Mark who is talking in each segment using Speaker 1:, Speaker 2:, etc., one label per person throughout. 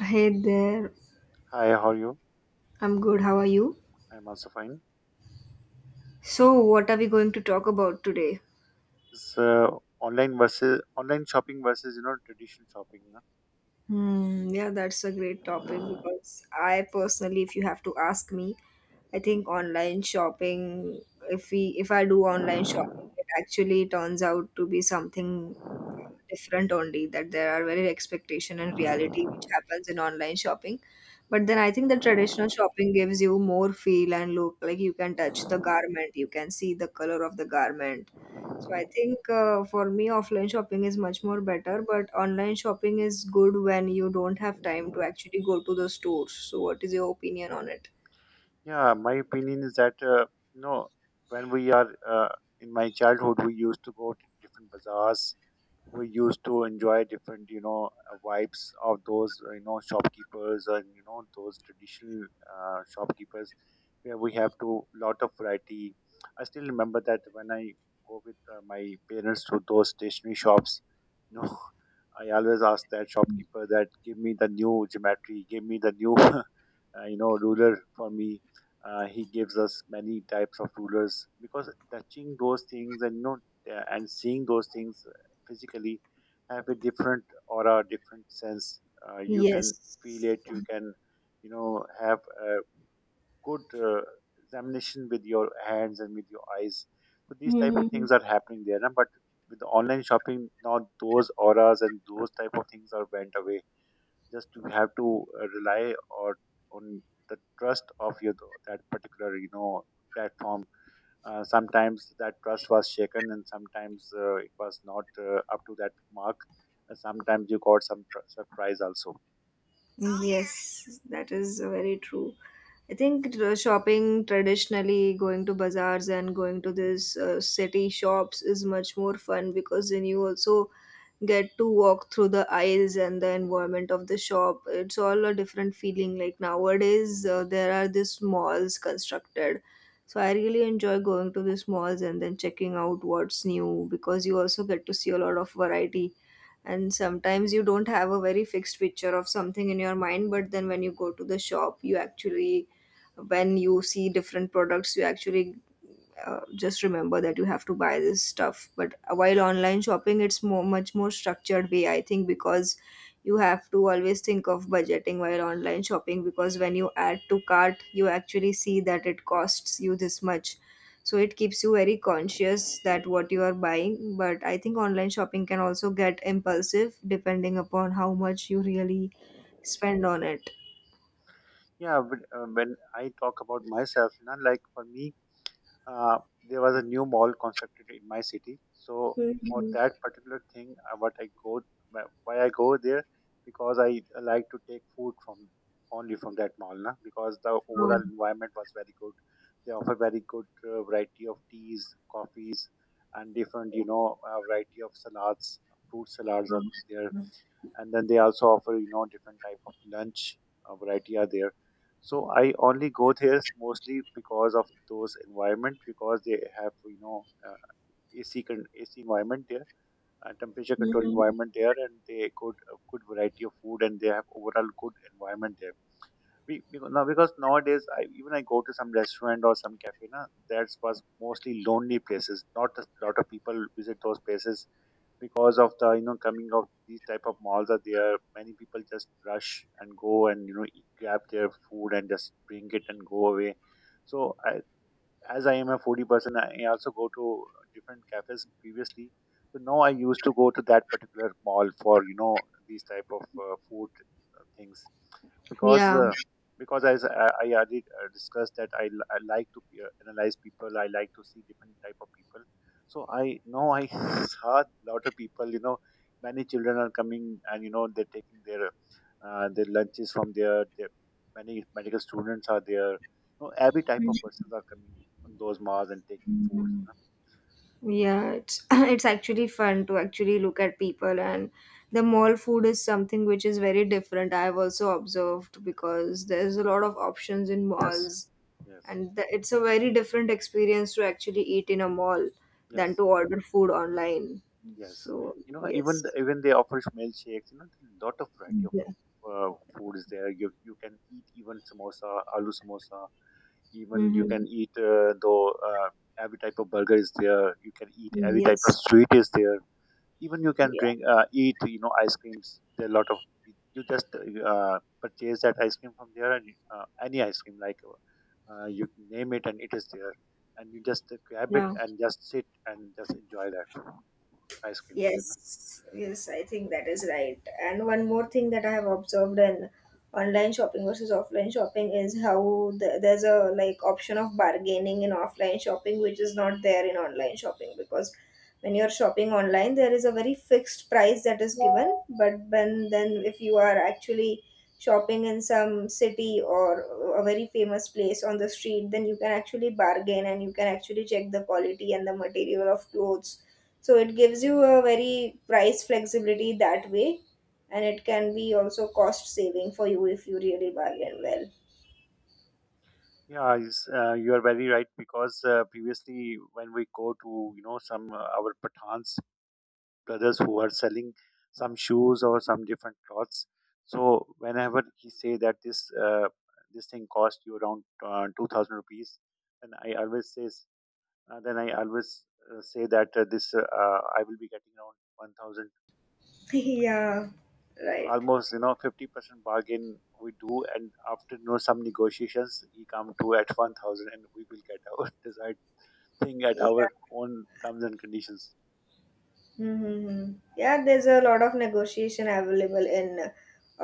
Speaker 1: Hey there,
Speaker 2: Hi, how are you?
Speaker 1: I'm good. How are you?
Speaker 2: I'm also fine.
Speaker 1: So, what are we going to talk about today?
Speaker 2: It's online versus online shopping versus traditional shopping, no?
Speaker 1: Hmm, yeah, that's a great topic because I personally, if you have to ask me, I think online shopping, if I do online shopping, it actually turns out to be something different only that there are very expectation and reality which happens in online shopping, but then I think the traditional shopping gives you more feel and look, like you can touch the garment, you can see the color of the garment. So I think for me offline shopping is much more better, but online shopping is good when you don't have time to actually go to the stores. So what is your opinion on it?
Speaker 2: Yeah, my opinion is that you know when we are in my childhood, we used to go to different bazaars. We used to enjoy different vibes of those shopkeepers and those traditional shopkeepers where we have to lot of variety. I still remember that when I go with my parents to those stationery shops, you know, I always ask that shopkeeper that give me the new geometry, give me the new ruler for me. He gives us many types of rulers because touching those things and and seeing those things physically have a different aura, different sense. You can feel
Speaker 1: Yes.
Speaker 2: it. You can have a good examination with your hands and with your eyes. So these type of things are happening there, na? But with the online shopping now, those auras and those type of things are went away, just to have to rely or on the trust of your that particular platform. Sometimes that trust was shaken and sometimes it was not up to that mark. Sometimes you got some surprise also.
Speaker 1: Yes, that is very true. I think shopping traditionally, going to bazaars and going to this city shops is much more fun because then you also get to walk through the aisles and the environment of the shop. It's all a different feeling. Like nowadays, there are these malls constructed. So I really enjoy going to these malls and then checking out what's new because you also get to see a lot of variety, and sometimes you don't have a very fixed picture of something in your mind, but then when you go to the shop you actually, when you see different products, you actually just remember that you have to buy this stuff. But while online shopping it's more much more structured way I think, because you have to always think of budgeting while online shopping, because when you add to cart you actually see that it costs you this much. So it keeps you very conscious that what you are buying, but I think online shopping can also get impulsive depending upon how much you really spend on it.
Speaker 2: Yeah, but when I talk about myself, like for me, there was a new mall constructed in my city. So for
Speaker 1: Mhm.
Speaker 2: that particular thing, what I go, why I go there, because I like to take food from only from that mall, na? Because the overall
Speaker 1: Um,
Speaker 2: environment was very good. They offer very good variety of teas, coffees, and different variety of salads. Fruit salads are
Speaker 1: um,
Speaker 2: there, and then they also offer different type of lunch variety are there. So I only go there mostly because of those environment, because they have ac environment there, temperature control
Speaker 1: Mhm.
Speaker 2: environment there, and they good a good variety of food and they have overall good environment there. We, because, now because nowadays even I go to some restaurant or some cafe, na, that was mostly lonely places, not a lot of people visit those places, because of the coming of these type of malls are there, many people just rush and go and eat, grab their food and just bring it and go away. So I, as I am a foodie person, I also go to different cafes previously. So now I used to go to that particular mall for these type of food things. because
Speaker 1: Yeah.
Speaker 2: uh, because as I already discussed that I like to analyze people. I like to see different type of people. So I now I saw a lot of people. You know, many children are coming and they're taking their lunches from there. Many medical students are there. You know, every type of persons are coming on those malls and taking foods, no?
Speaker 1: Yeah, it's it's actually fun to actually look at people, and the mall food is something which is very different. I've also observed because there's a lot of options in
Speaker 2: Yes,
Speaker 1: malls,
Speaker 2: yes,
Speaker 1: and it's a very different experience to actually eat in a mall than to
Speaker 2: yes,
Speaker 1: order food online.
Speaker 2: yes.
Speaker 1: So,
Speaker 2: You know, even the,
Speaker 1: yes.
Speaker 2: even they offer milkshakes. You know, a lot of variety of
Speaker 1: Yeah.
Speaker 2: food is there. You can eat even samosa, aloo samosa. Even you
Speaker 1: Mm-hmm.
Speaker 2: can eat though every type of burger is there. You can eat every type of
Speaker 1: Yes.
Speaker 2: sweet is there. Even you can
Speaker 1: Yeah.
Speaker 2: drink eat ice creams, there are a lot of. You just purchase that ice cream from there and any ice cream, like, you name it and it is there, and you just grab it
Speaker 1: Yeah.
Speaker 2: and just sit and just enjoy that ice cream there, no?
Speaker 1: Yes, yes, I think that is right. And one more thing that I have observed in online shopping versus offline shopping is how there's a like option of bargaining in offline shopping which is not there in online shopping, because when you're shopping online there is a very fixed price that is given, but when, then if you are actually shopping in some city or a very famous place on the street, then you can actually bargain and you can actually check the quality and the material of clothes. So it gives you a very price flexibility that way, and it can be also cost saving for you if you really bargain well.
Speaker 2: Yeah, it's you are very right because previously when we go to some our pathans brothers who are selling some shoes or some different clothes. So whenever he say that this this thing cost you around 2,000 rupees, and I always says then I always say that this I will be getting around 1,000,
Speaker 1: Yeah, right.
Speaker 2: almost 50% bargain we do, and after some negotiations he come to at 1,000, and we will get our desired thing at our
Speaker 1: Yeah.
Speaker 2: own terms and conditions.
Speaker 1: Mm-hmm. Yeah, there's a lot of negotiation available in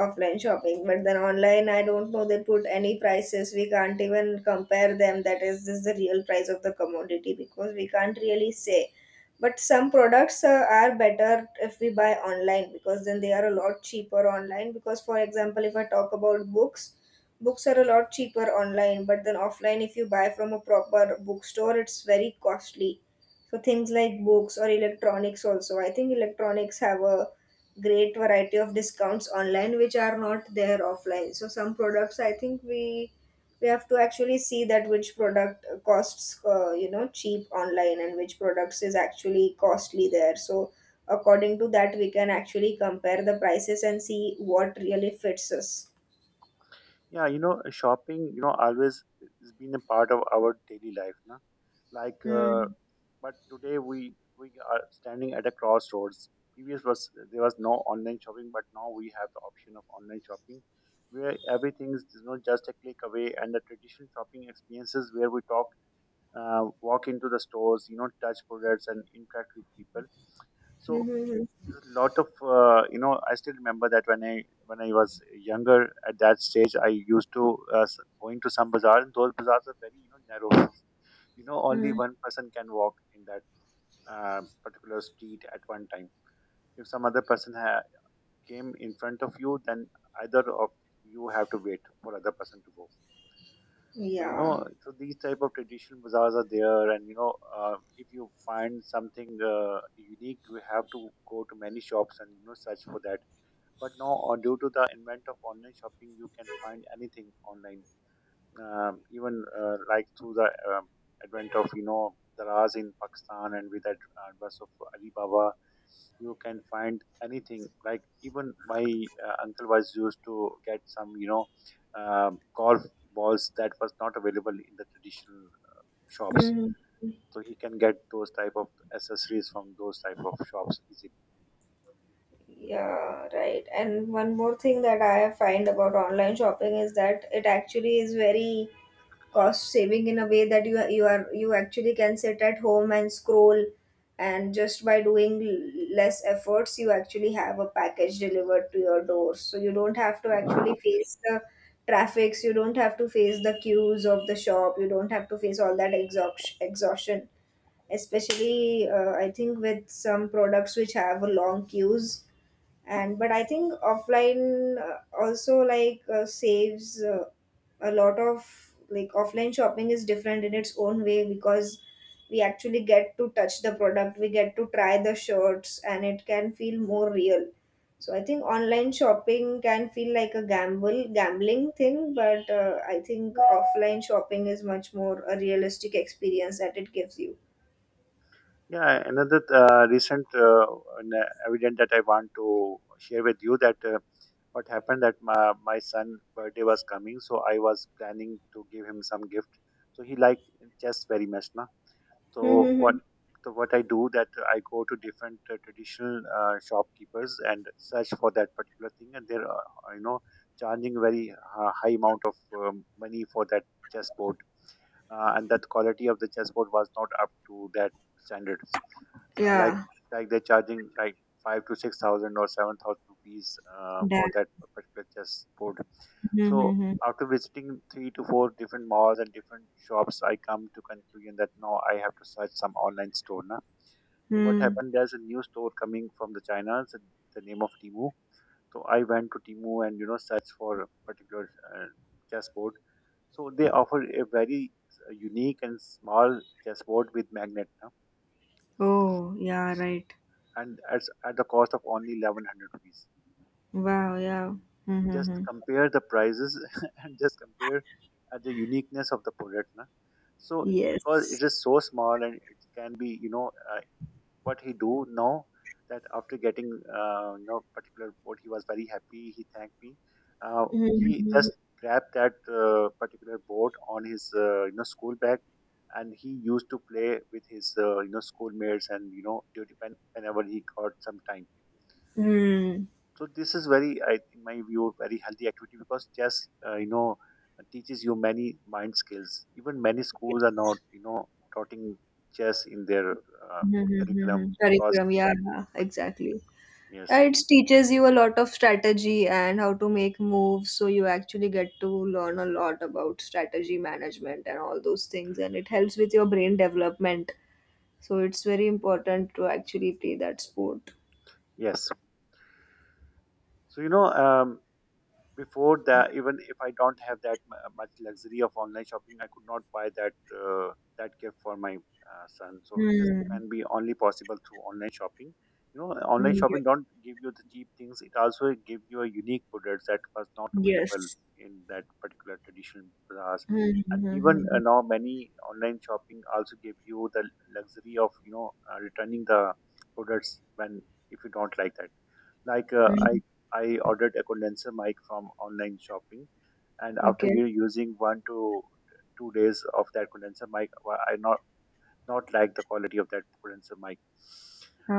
Speaker 1: offline shopping, but then online, I don't know, they put any prices. We can't even compare them. That is, this is the real price of the commodity because we can't really say. But some products are better if we buy online because then they are a lot cheaper online. Because, for example, if I talk about books, books are a lot cheaper online, but then offline, if you buy from a proper bookstore, it's very costly, so things like books or electronics also. I think electronics have a great variety of discounts online which are not there offline. So some products I think we have to actually see that which product costs cheap online and which products is actually costly there. So according to that we can actually compare the prices and see what really fits us.
Speaker 2: Yeah, you know, shopping, you know, always has been a part of our daily life, no? Like,
Speaker 1: Hmm.
Speaker 2: but today we are standing at a crossroads. Previous was there was no online shopping, but now we have the option of online shopping, where everything is just a click away, and the traditional shopping experiences where we talk, walk into the stores, you know, touch products and interact with people. So
Speaker 1: Mm-hmm.
Speaker 2: lot of you know I still remember that when I was younger at that stage, I used to going to some bazaar, and those bazaars are very narrow, only
Speaker 1: Mm-hmm.
Speaker 2: one person can walk in that particular street at one time. If some other person came in front of you, then either of you have to wait for other person to go. So you
Speaker 1: Yeah.
Speaker 2: know, so these type of traditional bazaars are there, and if you find something unique, you have to go to many shops and search for that. But now, or due to the advent of online shopping, you can find anything online, even like through the advent of Daraz in Pakistan, and with that advance of Alibaba, you can find anything. Like even my uncle was used to get some golf balls that was not available in the traditional shops, so he can get those type of accessories from those type of shops easily.
Speaker 1: Yeah, right. And one more thing that I find about online shopping is that it actually is very cost saving in a way that you actually can sit at home and scroll, and just by doing less efforts you actually have a package delivered to your door. So you don't have to actually face the traffics, you don't have to face the queues of the shop, you don't have to face all that exhaustion. Especially I think with some products which have long queues, and but I think offline also like saves a lot of, like offline shopping is different in its own way because we actually get to touch the product, we get to try the shirts, and it can feel more real. So I think online shopping can feel like a gamble gambling thing, but I think offline shopping is much more a realistic experience that it gives you
Speaker 2: Yeah, another recent evidence that I want to share with you that what happened that my son birthday was coming, so I was planning to give him some gift. So he liked chess very much, na. So what
Speaker 1: Mm-hmm.
Speaker 2: so what I do that I go to different traditional shopkeepers and search for that particular thing, and they're charging very high amount of money for that chessboard, and that quality of the chessboard was not up to that standard, uh, like
Speaker 1: Yeah.
Speaker 2: like they're charging like five to six thousand or 7,000 rupees for
Speaker 1: That.
Speaker 2: that particular chessboard. So
Speaker 1: Mm-hmm.
Speaker 2: after visiting 3 to 4 different malls and different shops, I come to conclusion that no, I have to search some online store now. So what
Speaker 1: Hmm.
Speaker 2: happened? There's a new store coming from the China. It's the name of Timu. So I went to Timu and search for a particular uh, chessboard. So they offer a very unique and small chessboard with magnet, huh?
Speaker 1: Oh, yeah, right.
Speaker 2: And at the cost of only 1100 rupees.
Speaker 1: Wow, yeah.
Speaker 2: Just
Speaker 1: Mm-hmm.
Speaker 2: compare the prices and just compare at the uniqueness of the product, na? So because
Speaker 1: Yes.
Speaker 2: it is so small and it can be what he do now, that after getting particular boat, he was very happy, he thanked me. Uh, he
Speaker 1: Mm-hmm.
Speaker 2: just grabbed that particular boat on his school bag, and he used to play with his schoolmates and duty, whenever he got some time.
Speaker 1: Mm.
Speaker 2: So this is very, in my view, very healthy activity because chess, you know, teaches you many mind skills. Even many schools are not, you know, taughting chess in their curriculum
Speaker 1: Mm-hmm.
Speaker 2: because
Speaker 1: Curriculum, yeah, exactly. Yeah,
Speaker 2: yes,
Speaker 1: it teaches you a lot of strategy and how to make moves, so you actually get to learn a lot about strategy management and all those things, and it helps with your brain development. So it's very important to actually play that sport.
Speaker 2: yes. So you know, before that, even if I don't have that much luxury of online shopping, I could not buy that uh, that gift for my son. So this
Speaker 1: Hmm.
Speaker 2: can be only possible through online shopping, you know. Online
Speaker 1: Ye-
Speaker 2: shopping don't give you the cheap things, it also give you a unique products that was not available
Speaker 1: Yes.
Speaker 2: in that particular traditional bazaars.
Speaker 1: Hmm.
Speaker 2: And
Speaker 1: Hmm.
Speaker 2: even
Speaker 1: Hmm.
Speaker 2: now many online shopping also give you the luxury of returning the products when if you don't like that. Like
Speaker 1: Hmm.
Speaker 2: I ordered a condenser mic from online shopping, and after
Speaker 1: Okay.
Speaker 2: you using 1 to 2 days of that condenser mic, I not like the quality of that condenser mic.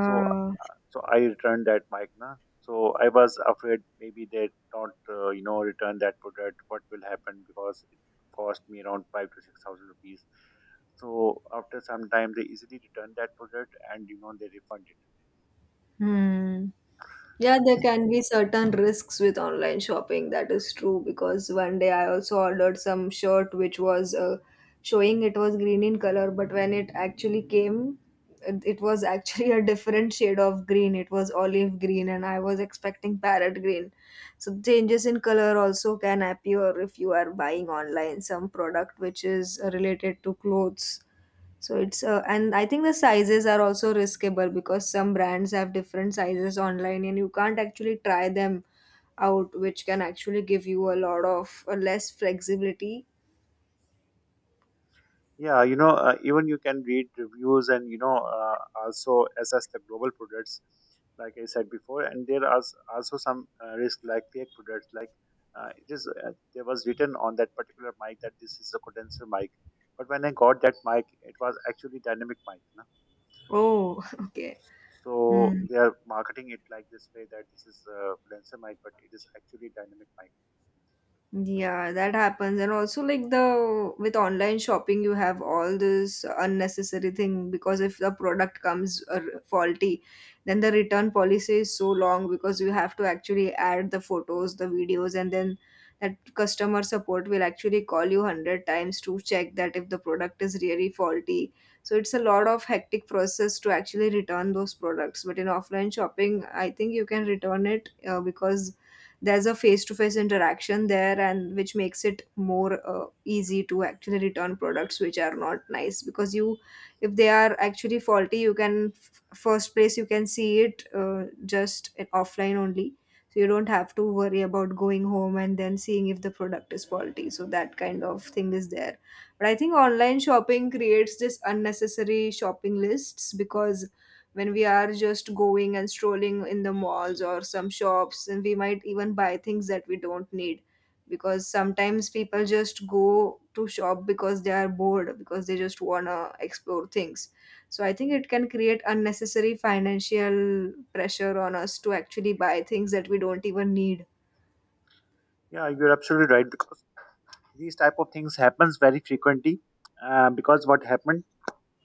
Speaker 2: So so I returned that mic, na. So I was afraid maybe they don't you know return that product. What will happen because it cost me around five to six thousand rupees. So after some time, they easily return that product, and you know they refund it.
Speaker 1: Hmm. Yeah,
Speaker 2: So
Speaker 1: there
Speaker 2: this
Speaker 1: can be certain risks with online shopping. That is true because one day I also ordered some shirt which was showing it was green in color, but when it actually came, it was actually a different shade of green. It was olive green, and I was expecting parrot green. So changes in color also can appear if you are buying online some product which is related to clothes. So it's and I think the sizes are also riskable because some brands have different sizes online and you can't actually try them out, which can actually give you a lot of less flexibility.
Speaker 2: Yeah, you know, even you can read reviews and also assess the global products, like I said before. And there are also some risk like fake products, like it is there was written on that particular mic that this is a condenser mic, but when I got that mic, it was actually dynamic mic. No?
Speaker 1: Oh, okay.
Speaker 2: So
Speaker 1: Hmm.
Speaker 2: they are marketing it like this way that this is a condenser mic, but it is actually dynamic mic.
Speaker 1: Yeah, that happens. And also like the with online shopping you have all this unnecessary thing because if the product comes faulty, then the return policy is so long because you have to actually add the photos, the videos, and then that customer support will actually call you 100 times to check that if the product is really faulty. So it's a lot of hectic process to actually return those products. But in offline shopping, I think you can return it because there's a face-to-face interaction there, and which makes it more easy to actually return products which are not nice, because you, if they are actually faulty you can first place you can see it just offline only. So you don't have to worry about going home and then seeing if the product is faulty, so that kind of thing is there. But I think online shopping creates this unnecessary shopping lists, because when we are just going and strolling in the malls or some shops and we might even buy things that we don't need, because sometimes people just go to shop because they are bored, because they just want to explore things. So I think it can create unnecessary financial pressure on us to actually buy things that we don't even need.
Speaker 2: Yeah, you're absolutely right because these type of things happens very frequently. Because what happened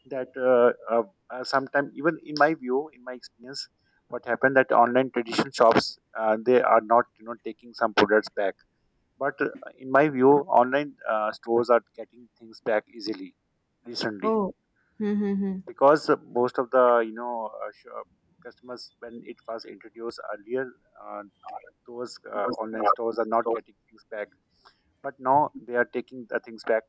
Speaker 2: that sometime even in my view, in my experience, what happened that online traditional shops they are not you know taking some products back, but in my view online stores are getting things back easily recently
Speaker 1: Oh. Mm-hmm.
Speaker 2: because most of the you know customers when it was introduced earlier, uh, those online stores are not getting things back, but now they are taking the things back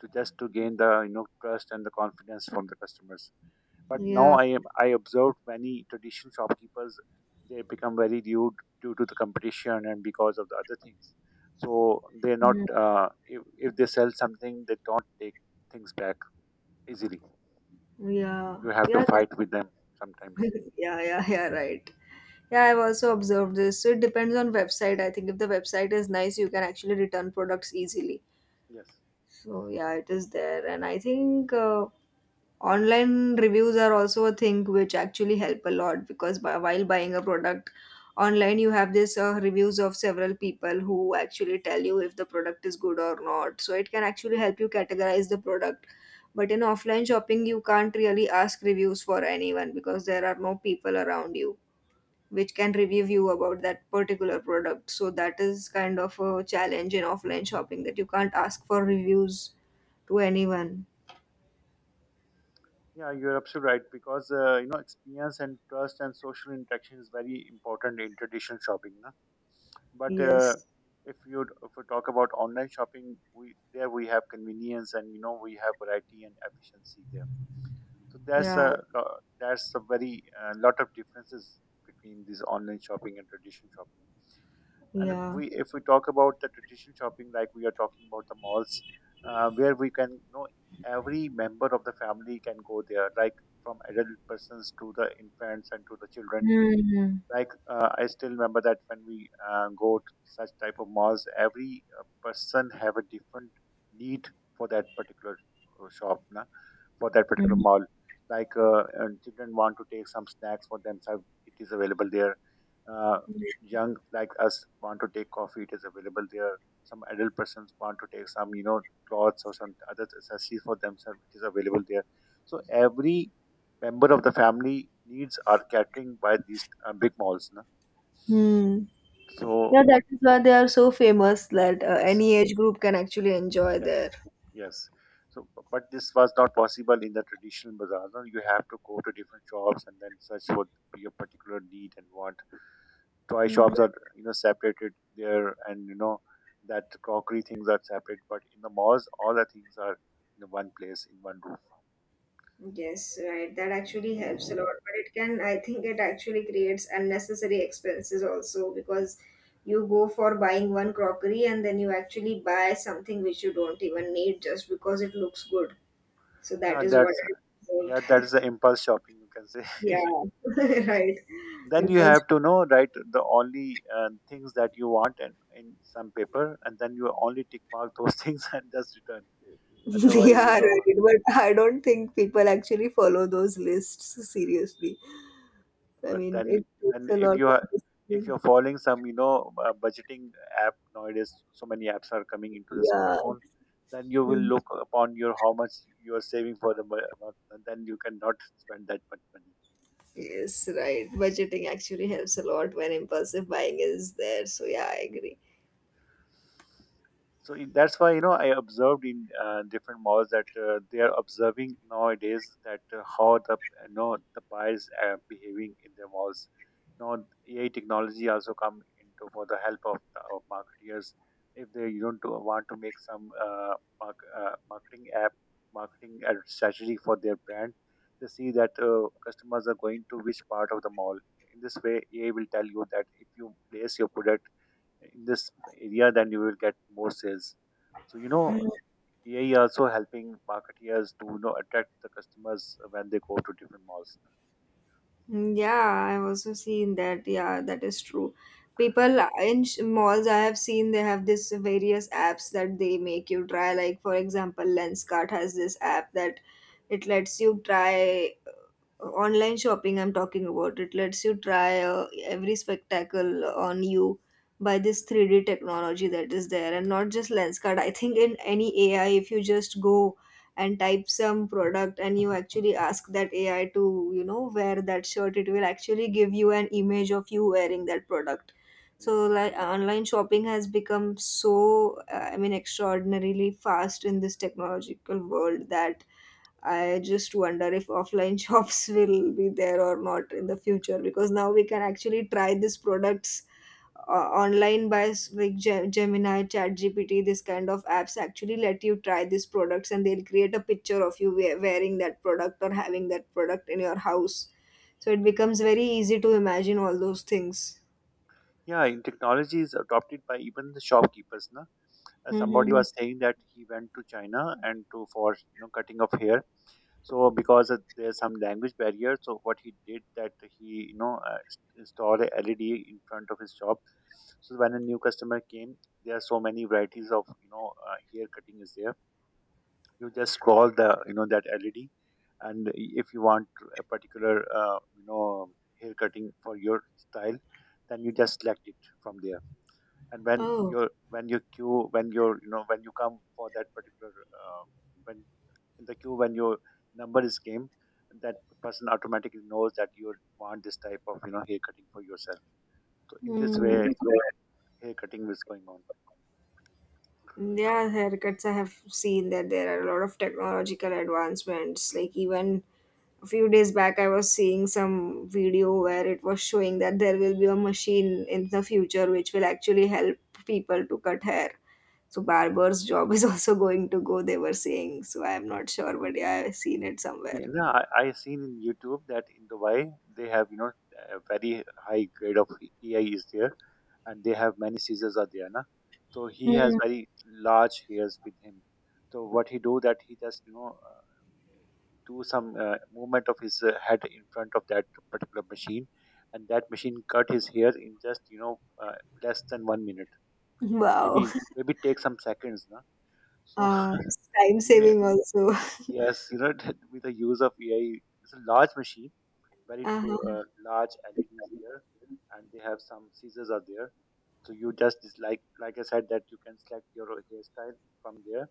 Speaker 2: to just to gain the you know trust and the confidence from the customers. But now
Speaker 1: Yeah.
Speaker 2: I observed many traditional shopkeepers, they become very rude due to the competition and because of the other things. So they're not
Speaker 1: Mhm.
Speaker 2: uh, if they sell something they don't take things back easily.
Speaker 1: Yeah.
Speaker 2: You have
Speaker 1: yeah
Speaker 2: to
Speaker 1: that-
Speaker 2: fight with them sometimes.
Speaker 1: yeah, yeah, yeah, right. Yeah, I've also observed this. So it depends on website. I think if the website is nice, you can actually return products easily.
Speaker 2: Yes.
Speaker 1: So yeah, it is there, and I think online reviews are also a thing which actually help a lot because while buying a product online, you have this reviews of several people who actually tell you if the product is good or not. So it can actually help you categorize the product. But in offline shopping, you can't really ask reviews for anyone because there are no people around you which can review you about that particular product. So that is kind of a challenge in offline shopping that you can't ask for reviews to anyone.
Speaker 2: Yeah, you're absolutely right because you know experience and trust and social interaction is very important in traditional shopping, na? But
Speaker 1: Yes.
Speaker 2: if we talk about online shopping, we there we have convenience and you know we have variety and efficiency there. So there's a
Speaker 1: Yeah.
Speaker 2: lo- there's a very lot of differences between this online shopping and traditional shopping. And
Speaker 1: Yeah.
Speaker 2: we, if we talk about the traditional shopping, like we are talking about the malls, where we can you know every member of the family can go there, like from adult persons to the infants and to the children.
Speaker 1: Hmm.
Speaker 2: Like, I still remember that when we go to such type of malls, every person have a different need for that particular shop, na, for that particular
Speaker 1: Hmm.
Speaker 2: mall. Like, and children want to take some snacks for themselves, it is available there. Uh, young like us want to take coffee, it is available there. Some adult persons want to take some, you know, clothes or some other accessories for themselves, it is available there. So every member of the family needs are catering by these big malls, na?
Speaker 1: Hmm. Yeah,
Speaker 2: So
Speaker 1: that is why they are so famous that
Speaker 2: yes.
Speaker 1: any age group can actually enjoy
Speaker 2: Yes,
Speaker 1: there.
Speaker 2: yes. So, but this was not possible in the traditional bazaar. No? You have to go to different shops and then search for your particular need and want. Toy shops are, you know, separated there, and you know that crockery things are separate. But in the malls, all the things are in one place, in one
Speaker 1: Yes, right. That actually helps a lot,
Speaker 2: room.
Speaker 1: but it can, I think it actually creates unnecessary expenses also because you go for buying one crockery and then you actually buy something which you don't even need just because it looks good. So
Speaker 2: Yeah,
Speaker 1: that is what
Speaker 2: that's
Speaker 1: I
Speaker 2: yeah, that is
Speaker 1: observed.
Speaker 2: the impulse shopping you can say.
Speaker 1: Yeah, right.
Speaker 2: Then you
Speaker 1: Impulse.
Speaker 2: have to know right the only things that you want, and in some paper, and then you only tick mark those things and just return. Otherwise
Speaker 1: Yeah,
Speaker 2: you know,
Speaker 1: right. But I don't think people actually follow those lists seriously. I
Speaker 2: but
Speaker 1: mean,
Speaker 2: then
Speaker 1: it takes
Speaker 2: then
Speaker 1: a
Speaker 2: if
Speaker 1: lot
Speaker 2: you
Speaker 1: of
Speaker 2: are if
Speaker 1: discipline.
Speaker 2: you're following some budgeting app, nowadays so many apps are coming into the
Speaker 1: Yeah.
Speaker 2: smartphone, then you will look upon your how much you are saving for the month, and then you cannot spend that much money.
Speaker 1: Yes, right. Budgeting actually helps a lot when impulsive buying is there. So yeah, I agree.
Speaker 2: So that's why you know I observed in different malls that they are observing nowadays that how the you know the buyers are behaving in their malls. Now AI technology also come into for the help of the of marketeers, if they you know do, want to make some mark, uh, marketing app marketing ad strategy for their brand. They see that customers are going to which part of the mall. In this way, AI will tell you that if you place your product in this area, then you will get more sales. So, you know, AI also helping marketeers to you know attract the customers when they go to different malls.
Speaker 1: Mm, yeah, I've also seen that. Yeah, that is true. People in malls, I have seen they have this various apps that they make you try. Like, for example, Lenskart has this app that it lets you try. Online shopping I'm talking about. It lets you try every spectacle on you by this 3D technology that is there. And not just lens card I think in any AI, if you just go and type some product and you actually ask that AI to wear that shirt, it will actually give you an image of you wearing that product. So
Speaker 2: Yes.
Speaker 1: like online shopping has become so extraordinarily fast in this technological world that I just wonder if offline shops will be there or not in the future, because now we can actually try these products online by like Gemini, ChatGPT, this kind of apps actually let you try these products and they'll create a picture of you wearing that product or having that product in your house. So it becomes very easy to imagine all those things.
Speaker 2: Yeah, in technology is adopted by even the shopkeepers, na? Somebody
Speaker 1: Mm-hmm.
Speaker 2: was saying that he went to China and to for you know cutting of hair. So because of there's some language barrier, so what he did that he you know installed a LED in front of his shop. So when a new customer came, there are so many varieties of hair cutting is there, you just scroll the you know that led, and if you want a particular uh, you know hair cutting for your style, then you just select it from there. And when
Speaker 1: Oh.
Speaker 2: your when your queue when your you know when you come for that particular uh, when in the queue when your number is came, that person automatically knows that you want this type of you know hair cutting for yourself. So in this
Speaker 1: Hmm.
Speaker 2: way hair cutting is going on.
Speaker 1: Yeah, haircuts. I have seen that there are a lot of technological advancements, like even a few days back I was seeing some video where it was showing that there will be a machine in the future which will actually help people to cut hair. So barber's job is also going to go, they were saying. So I'm not sure, but yeah, I've seen it somewhere.
Speaker 2: Yeah, no, I seen in YouTube that in Dubai they have you know a very high grade of AI is there, and they have many scissors are there, na. So he has
Speaker 1: Hmm.
Speaker 2: very large hairs with him. So what he do that he just do some movement of his head in front of that particular machine, and that machine cut his hair in just less than 1 minute. Maybe
Speaker 1: Wow.
Speaker 2: maybe take some seconds, na. So
Speaker 1: It's time
Speaker 2: yeah,
Speaker 1: saving also.
Speaker 2: yes, you know with the use of AI, it's a large machine, very
Speaker 1: Uh-huh.
Speaker 2: large LEDs there, and they have some scissors are there. So you just is like I said that you can select your hairstyle from there,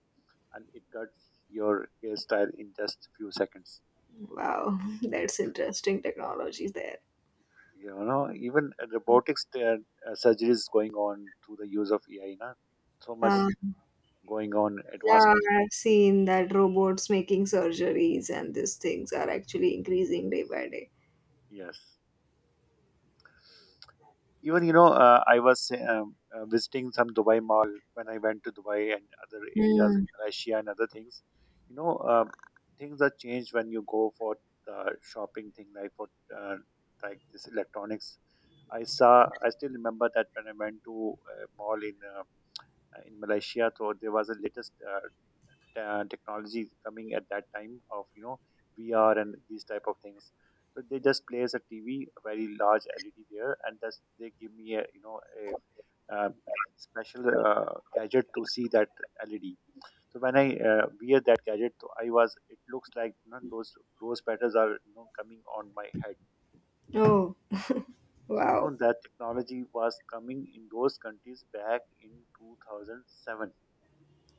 Speaker 2: and it cuts your hairstyle in just few seconds.
Speaker 1: Wow, that's interesting technology there.
Speaker 2: You know, even robotics there, surgeries going on through the use of AI, na? So much
Speaker 1: uh,
Speaker 2: going on
Speaker 1: yeah,
Speaker 2: advancement.
Speaker 1: I've seen that robots making surgeries and these things are actually increasing day by day.
Speaker 2: Yes. Even you know, I was visiting some Dubai mall when I went to Dubai and other areas
Speaker 1: Hmm.
Speaker 2: in Croatia and other things. You know, things are changed when you go for the shopping thing, like for uh, like this electronics. I saw. I still remember that when I went to a mall in in Malaysia, so there was a latest technology coming at that time of you know VR and these type of things. So they just place a TV, a very large LED there, and that's they give me a you know a special gadget to see that LED. So when I wear that gadget, so I was it looks like you know, those rose petals are you know coming on my head.
Speaker 1: Oh.
Speaker 2: So you know
Speaker 1: Wow.
Speaker 2: that technology was coming in those countries back in 2007.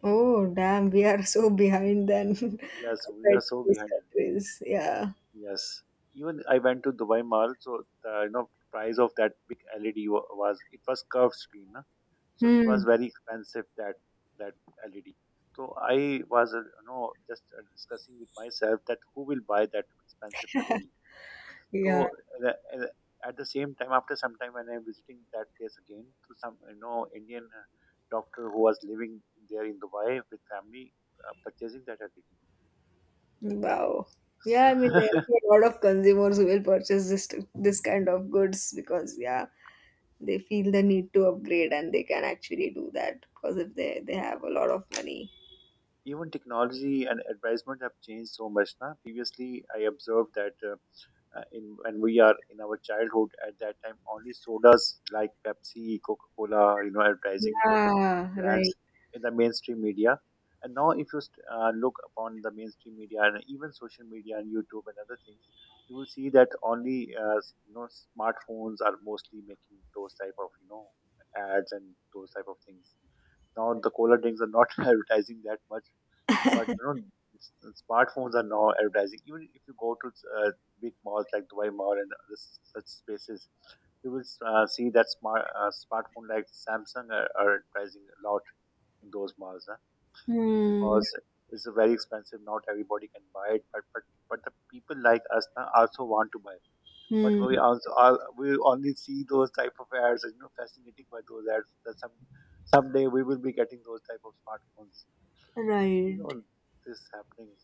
Speaker 1: Oh, damn. We are so behind then, compared
Speaker 2: Yes, we are
Speaker 1: to
Speaker 2: so
Speaker 1: these
Speaker 2: behind.
Speaker 1: countries. Yeah.
Speaker 2: Yes. Even I went to Dubai Mall, so the you know price of that big LED was it was curved screen, na? So it was
Speaker 1: Hmm.
Speaker 2: very expensive that that LED. So I was you know just discussing with myself that who will buy that expensive LED.
Speaker 1: Yeah.
Speaker 2: So uh, uh, at the same time, after some time when I'm visiting that place again, to some you know Indian doctor who was living there in Dubai with family, purchasing that LED.
Speaker 1: Wow. Yeah,
Speaker 2: So
Speaker 1: I mean, there are a lot of consumers who will purchase this, this kind of goods, because yeah, they feel the need to upgrade and they can actually do that, because if they have a lot of money.
Speaker 2: even technology and advertisement have changed so much. Now previously I observed that in when we are in our childhood, at that time only sodas like Pepsi, Coca-Cola you know advertising their
Speaker 1: Yeah.
Speaker 2: brands
Speaker 1: Right.
Speaker 2: in the mainstream media. And now if you look upon the mainstream media and even social media and YouTube and other things, you will see that only you know smartphones are mostly making those type of you know ads and those type of things. Now the cola drinks are not advertising that much, but you know, s- smartphones are now advertising. Even if you go to uh, big malls like Dubai Mall and other such spaces, you will see that smartphone like Samsung are advertising a lot in those malls, huh?
Speaker 1: Hmm.
Speaker 2: Because it's a very expensive. Not everybody can buy it, but but the people like us now also want to buy. But
Speaker 1: Hmm.
Speaker 2: we also all, we only see those type of ads. You know, fascinating by those ads. That some someday we will be getting those type of smartphones. You
Speaker 1: Right.
Speaker 2: know, this happening.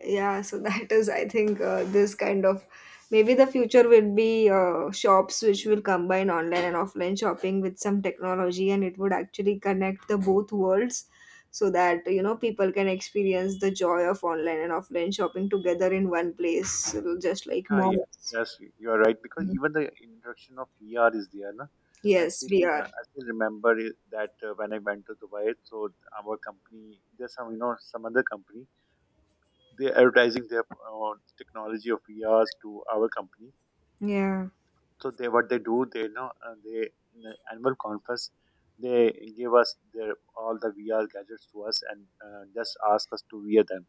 Speaker 1: Yeah, so that is, I think, this kind of, maybe the future will be shops which will combine online and offline shopping with some technology, and it would actually connect the both worlds so that you know people can experience the joy of online and offline shopping together in one place, just like
Speaker 2: Ah, yeah.
Speaker 1: malls.
Speaker 2: Yes, you are right because even the introduction of VR is there, no?
Speaker 1: Yes, we are.
Speaker 2: I still remember it, that when I went to Dubai, so our company, there's some you know some other company, they advertising their uh, technology of VRs to our company.
Speaker 1: Yeah.
Speaker 2: So they what they do, they they in the annual conference, they give us their all the VR gadgets to us and just ask us to wear them.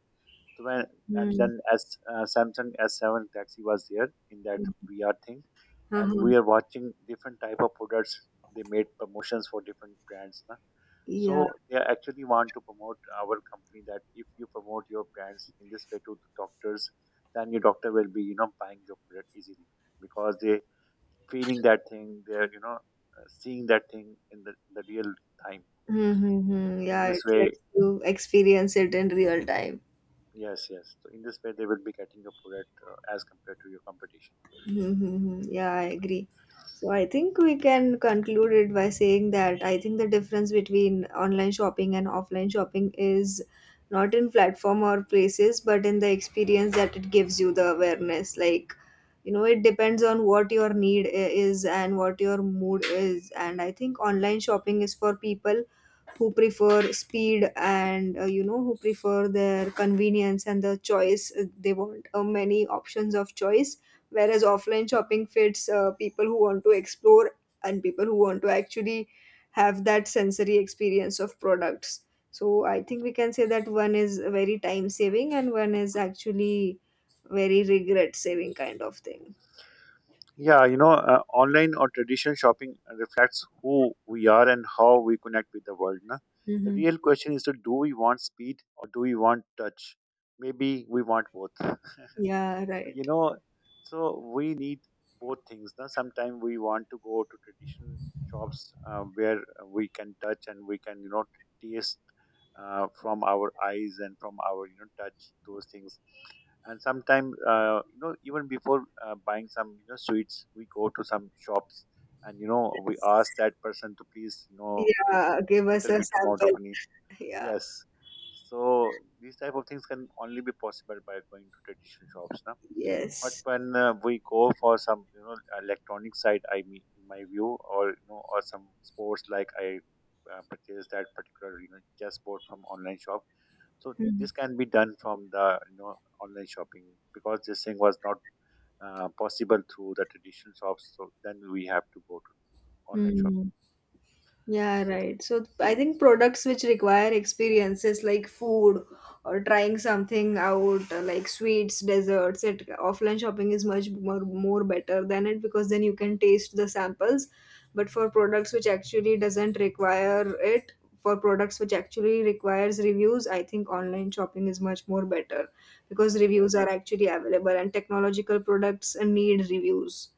Speaker 2: So when and
Speaker 1: Hmm.
Speaker 2: then as Samsung S7 Galaxy was there in that VR thing, and
Speaker 1: Uh-huh.
Speaker 2: we are watching different type of products. They made promotions for different brands, na.
Speaker 1: Yeah.
Speaker 2: So they actually want to promote our company that if you promote your brands in this way to the doctors, then your doctor will be you know buying your product easily because they feeling that thing. They are you know seeing that thing in the real time.
Speaker 1: Mm-hmm.
Speaker 2: In
Speaker 1: Yeah, it
Speaker 2: this way,
Speaker 1: lets you experience it in real time.
Speaker 2: yes, yes. So in this way, they will be getting your product as compared to your competition.
Speaker 1: Mm-hmm. Yeah, I agree. So I think we can conclude it by saying that I think the difference between online shopping and offline shopping is not in platform or places, but in the experience that it gives you, the awareness. Like, you know, it depends on what your is and what your mood is. And I think online shopping is for people who prefer speed and, who prefer their convenience and the choice. They want many options of choice, whereas offline shopping fits people who want to explore, and people who want to actually have that sensory experience of products. So I think we can say that one is very time saving and one is actually very regret saving kind of thing.
Speaker 2: Yeah, you know, online or traditional shopping reflects who we are and how we connect with the world, na? The
Speaker 1: Mm-hmm.
Speaker 2: real question is to do we want speed or do we want touch? Maybe we want both.
Speaker 1: Yeah,
Speaker 2: You
Speaker 1: right.
Speaker 2: know, so we need both things. Now sometimes we want to go to traditional shops where we can touch and we can you know taste from our eyes and from our you know touch those things. And sometimes you know even before buying some you know sweets, we go to some shops and you know we ask that person to please you know give
Speaker 1: Yeah, give us
Speaker 2: little
Speaker 1: a
Speaker 2: bit amount of
Speaker 1: sample.
Speaker 2: money.
Speaker 1: Yeah.
Speaker 2: Yes. So these type of things can only be possible by going to traditional shops now. But
Speaker 1: Yes.
Speaker 2: when we go for some, you know, electronic side, I mean, in my view, or you know, or some sports, like I purchased that particular, you know, chessboard from online shop. So this can be done from the, you know, online shopping, because this thing was not possible through the traditional shops. So then we have to go to online shopping.
Speaker 1: Mm, yeah, right. So I think products which require experiences like food or trying something out, like sweets, desserts, it offline shopping is much more, more better than it, because then you can taste the samples. But for products which actually doesn't require it, for products which actually requires reviews, I think online shopping is much more better, because reviews
Speaker 2: Yes.
Speaker 1: are actually available and technological products need reviews.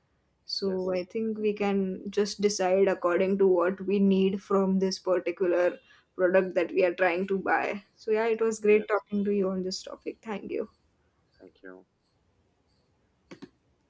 Speaker 1: So
Speaker 2: Yes.
Speaker 1: I think
Speaker 2: Right.
Speaker 1: we can just decide according to what we need from this particular product that we are trying to buy. So yeah, it was great
Speaker 2: Yes.
Speaker 1: talking to you on this topic. Thank you.
Speaker 2: Thank you.